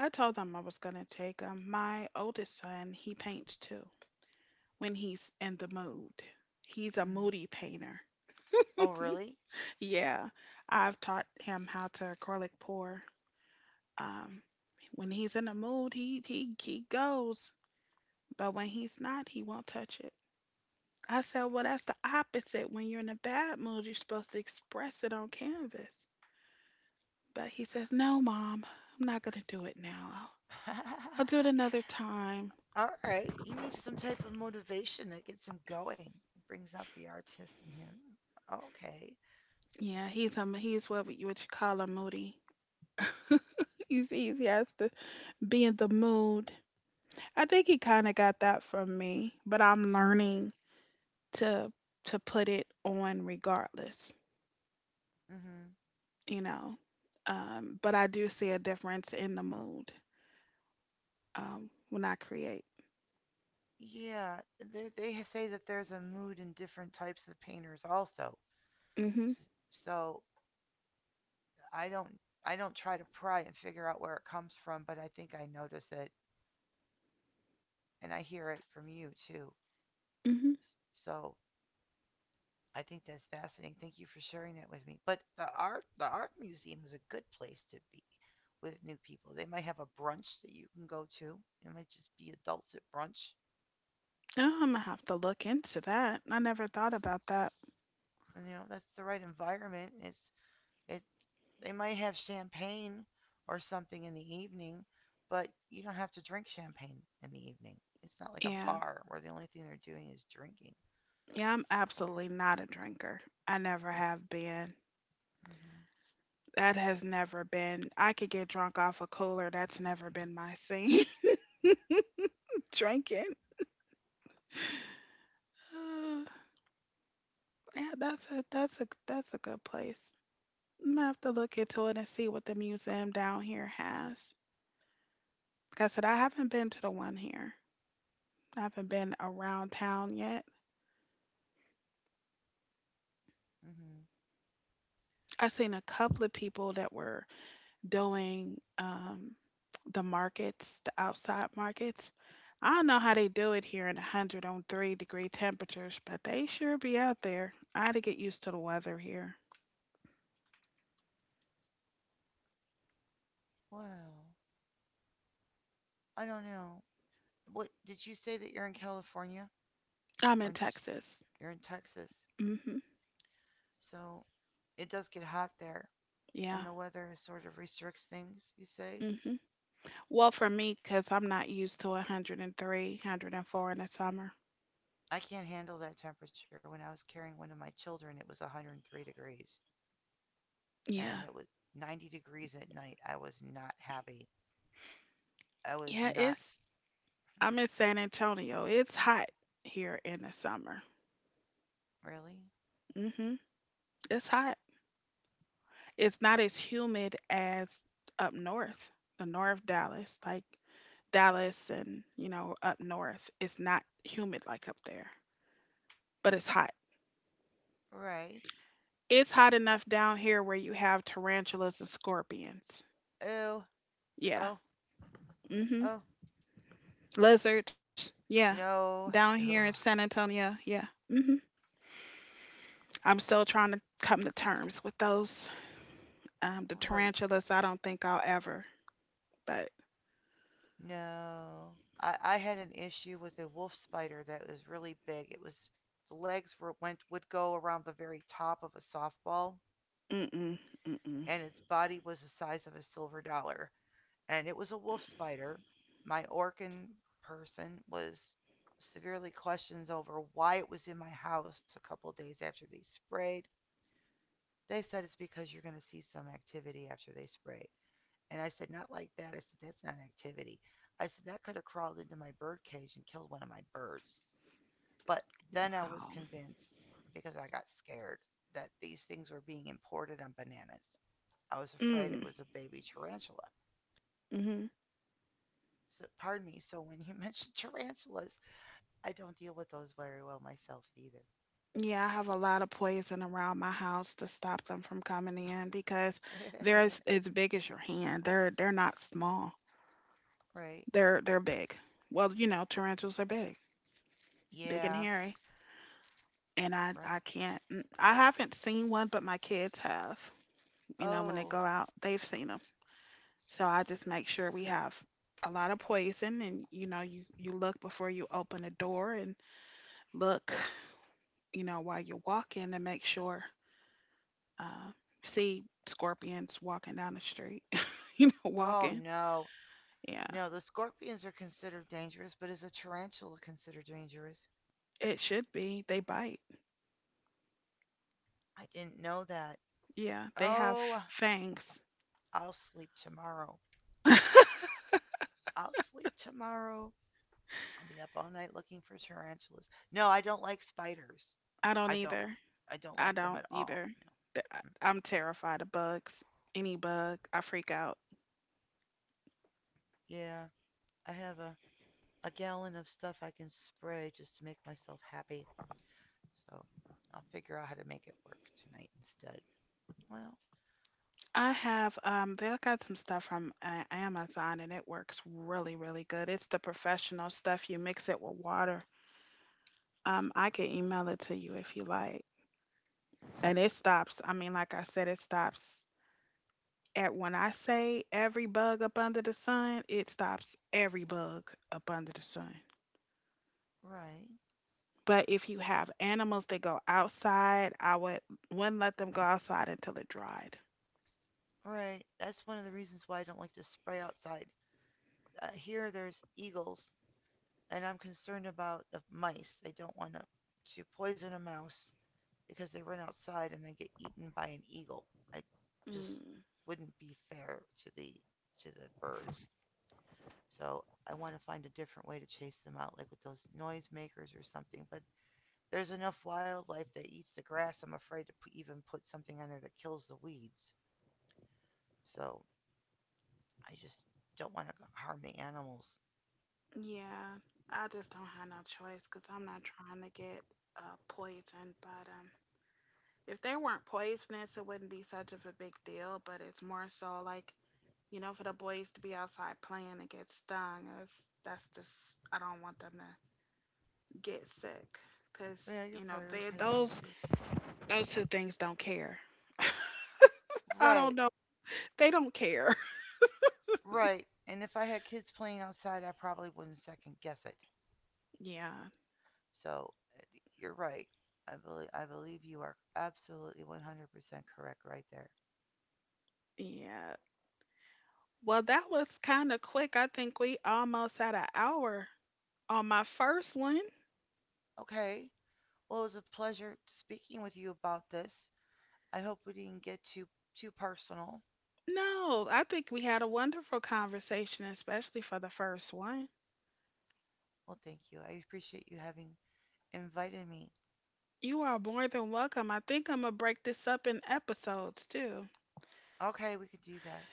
S1: I told them I was going to take him. My oldest son, he paints too, when he's in the mood. He's a
S2: Mm.
S1: moody painter.
S2: Oh, really?
S1: Yeah, I've taught him how to acrylic pour. Um, when he's in the mood, he goes, but when he's not, he won't touch it. I said, well, that's the opposite. When you're in a bad mood, you're supposed to express it on canvas. But he says, no, mom, I'm not going to do it now. I'll do it another time.
S2: All right. You need some type of motivation that gets him going, brings out the artist in him. Okay.
S1: Yeah, he's he's what you would call a moody. He has to be in the mood. I think he kind of got that from me, but I'm learning to to put it on regardless,
S2: Hmm.
S1: you know. But I do see a difference in the mood, when I create.
S2: Yeah, say that there's a mood in different types of painters also.
S1: Mhm.
S2: S- So I don't I don't try to pry and figure out where it comes from, but I think I notice it and I hear it from you too.
S1: Mhm.
S2: So I think that's fascinating. Thank you for sharing that with me. But the art museum is a good place to be with new people. They might have a brunch that you can go to. It might just be adults at brunch.
S1: Oh, I'm gonna have to look into that. I never thought about that.
S2: And that's the right environment. It's it They might have champagne or something in the evening, but you don't have to drink champagne in the evening. It's not like a
S1: Yeah.
S2: bar where the only thing they're doing is drinking.
S1: Yeah, I'm absolutely not a drinker. I never have been.
S2: Mm-hmm.
S1: That has never been, I could get drunk off a cooler, that's never been my scene, drinking. Yeah, that's a, that's a, that's a good place. I'm gonna have to look into it and see what the museum down here has. Like I said, I haven't been to the one here. I haven't been around town yet.
S2: Mm-hmm.
S1: I seen a couple of people that were doing, the markets, the outside markets. I don't know how they do it here in 103-degree temperatures, but they sure be out there. I had to get used to the weather here.
S2: Well, I don't know. What did you say that you're in California
S1: I'm in
S2: or in,
S1: Texas.
S2: you're in Texas?
S1: Hmm.
S2: So it does get hot there,
S1: Yeah.
S2: and the weather sort of restricts things. You say
S1: Hmm. Well, for me, because I'm not used to 103, 104 in the summer.
S2: I can't handle that temperature. When I was carrying one of my children, it was 103 degrees. And
S1: Yeah.
S2: it was 90 degrees at night. I was not happy. I was
S1: Yeah,
S2: not
S1: it's, I'm in San Antonio. It's hot here in the summer.
S2: Really.
S1: Hmm. It's hot. It's not as humid as up north, the north Dallas, like Dallas and, you know, up north. It's not humid like up there, but it's hot.
S2: Right.
S1: It's hot enough down here where you have tarantulas and scorpions.
S2: Oh,
S1: Yeah.
S2: oh,
S1: Mhm.
S2: oh,
S1: Lizards. Yeah. Down
S2: no.
S1: here in
S2: Ugh,
S1: San Antonio. Yeah. Mhm. I'm still trying to come to terms with those. The
S2: right.
S1: tarantulas, I don't think I'll ever. But
S2: No. I had an issue with a wolf spider that was really big. It was the legs were went would go around the very top of a softball,
S1: mm mm mm mm.
S2: and its body was the size of a silver dollar. And it was a wolf spider. My Orkin person was severely questioned over why it was in my house a couple days after they sprayed. They said it's because you're going to see some activity after they spray. And I said, not like that. I said, that's not activity. I said, that could have crawled into my bird cage and killed one of my birds. But then I was
S1: Wow.
S2: convinced, because I got scared, that these things were being imported on bananas. I was afraid it
S1: Mm.
S2: was a baby tarantula.
S1: Mm-hmm.
S2: So, pardon me. So when you mentioned tarantulas, I don't deal with those very well myself either.
S1: Yeah, I have a lot of poison around my house to stop them from coming in, because they're as big as your hand. They're not small.
S2: Right.
S1: They're big. Well, you know, tarantulas are big, big and
S2: Yeah,
S1: hairy. And
S2: right.
S1: I can't. Mm, I haven't seen one, but my kids have. You know, when they
S2: Oh,
S1: go out, they've seen them. So I just make sure we have a lot of poison, and you know, you look before you open a door, and look, you know, while you're walking, and make sure. Uh, See scorpions walking down the street, you know,
S2: oh
S1: walking.
S2: no.
S1: Yeah,
S2: No, the scorpions are considered dangerous, but is a tarantula considered dangerous?
S1: it should be. They bite.
S2: I didn't know that.
S1: Yeah, they have
S2: Oh,
S1: fangs.
S2: I'll sleep tomorrow.
S1: I
S2: I'll sleep tomorrow. I'll be up all night looking for tarantulas. No, I don't like spiders.
S1: don't
S2: I don't
S1: either.
S2: I don't
S1: I
S2: like them
S1: don't
S2: at all.
S1: either.
S2: No. Mm.
S1: I'm terrified of bugs. Any bug, I freak out.
S2: Yeah, I have a gallon of stuff I can spray just to make myself happy. So I'll figure out how to make it work tonight instead. Well,
S1: I have, um, they got some stuff from Amazon and it works really really good. It's the professional stuff. You mix it with water. Um, I can email it to you if you like. And it stops. I mean, like I said, it stops. And when I say every bug up under the sun, it stops every bug up under the sun.
S2: right.
S1: But if you have animals that go outside, I would wouldn't let them go outside until it dried.
S2: Alright, that's one of the reasons why I don't like to spray outside. Here there's eagles, and I'm concerned about the mice. I don't want to poison a mouse because they run outside and they get eaten by an eagle. I just
S1: Mm.
S2: wouldn't be fair to the birds. So I want to find a different way to chase them out, like with those noisemakers or something. But there's enough wildlife that eats the grass, I'm afraid to even put something on there that kills the weeds. So I just don't want to harm the animals.
S1: Yeah, I just don't have no choice, because I'm not trying to get, uh, poisoned. But, if they weren't poisonous, it wouldn't be such of a big deal. But it's more so like, you know, for the boys to be outside playing and get stung. That's just, I don't want them to get sick, because,
S2: Yeah, you're
S1: you know, they,
S2: prioritizing your kids.
S1: those two things don't care. I don't
S2: Right,
S1: know. They don't care.
S2: right. And if I had kids playing outside, I probably wouldn't second guess it.
S1: Yeah,
S2: So you're right. I believe you are absolutely 100% correct right there.
S1: yeah. Well, that was kind of quick. I think we almost had an hour on my first one.
S2: Okay. Well, it was a pleasure speaking with you about this. I hope we didn't get too personal.
S1: No, I think we had a wonderful conversation, especially for the first one.
S2: Well, thank you. I appreciate you having invited me.
S1: You are more than welcome. I think I'm gonna break this up in episodes too.
S2: Okay, we could do that.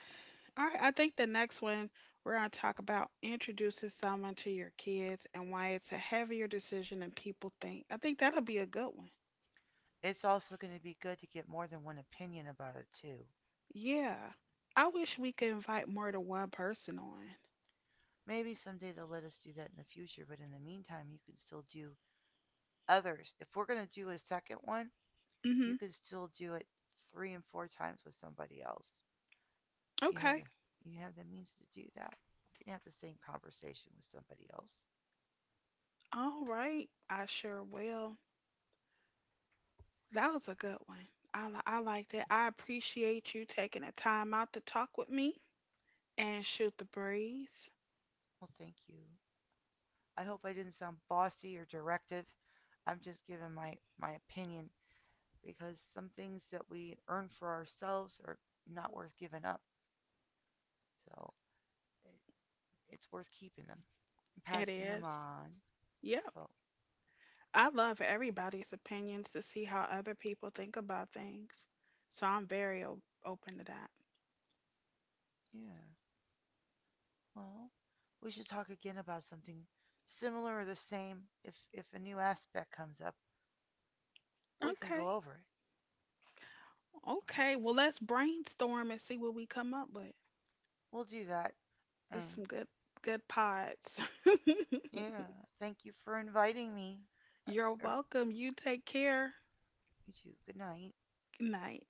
S1: All right, I think the next one, we're going to talk about introducing someone to your kids and why it's a heavier decision than people think. I think that'll be a good one.
S2: It's also going to be good to get more than one opinion about it, too.
S1: Yeah. I wish we could invite more than one person on.
S2: Maybe someday they'll let us do that in the future, but in the meantime, you can still do others. If we're going to do a second one, you
S1: Mhm.
S2: can still do it three and four times with somebody else. You have
S1: Okay.
S2: the means to do that. You can have the same conversation with somebody else.
S1: All right. I sure will. That was a good one. I liked it. I appreciate you taking the time out to talk with me and shoot the breeze.
S2: Well, thank you. I hope I didn't sound bossy or directive. I'm just giving my opinion because some things that we earn for ourselves are not worth giving up. So it, it's worth keeping them and
S1: It
S2: passing them
S1: is.
S2: on.
S1: Yep.
S2: So,
S1: I love everybody's opinions, to see how other people think about things. So I'm very open to that.
S2: yeah. Well, we should talk again about something similar or the same. If a new aspect comes up, we can
S1: Okay.
S2: go over it.
S1: Okay. Well, let's brainstorm and see what we come up with.
S2: We'll do that.
S1: There's
S2: And
S1: some good good pods.
S2: yeah, thank you for inviting me. Or,
S1: You're
S2: or
S1: welcome. You take care.
S2: You too. Good night.
S1: Good night.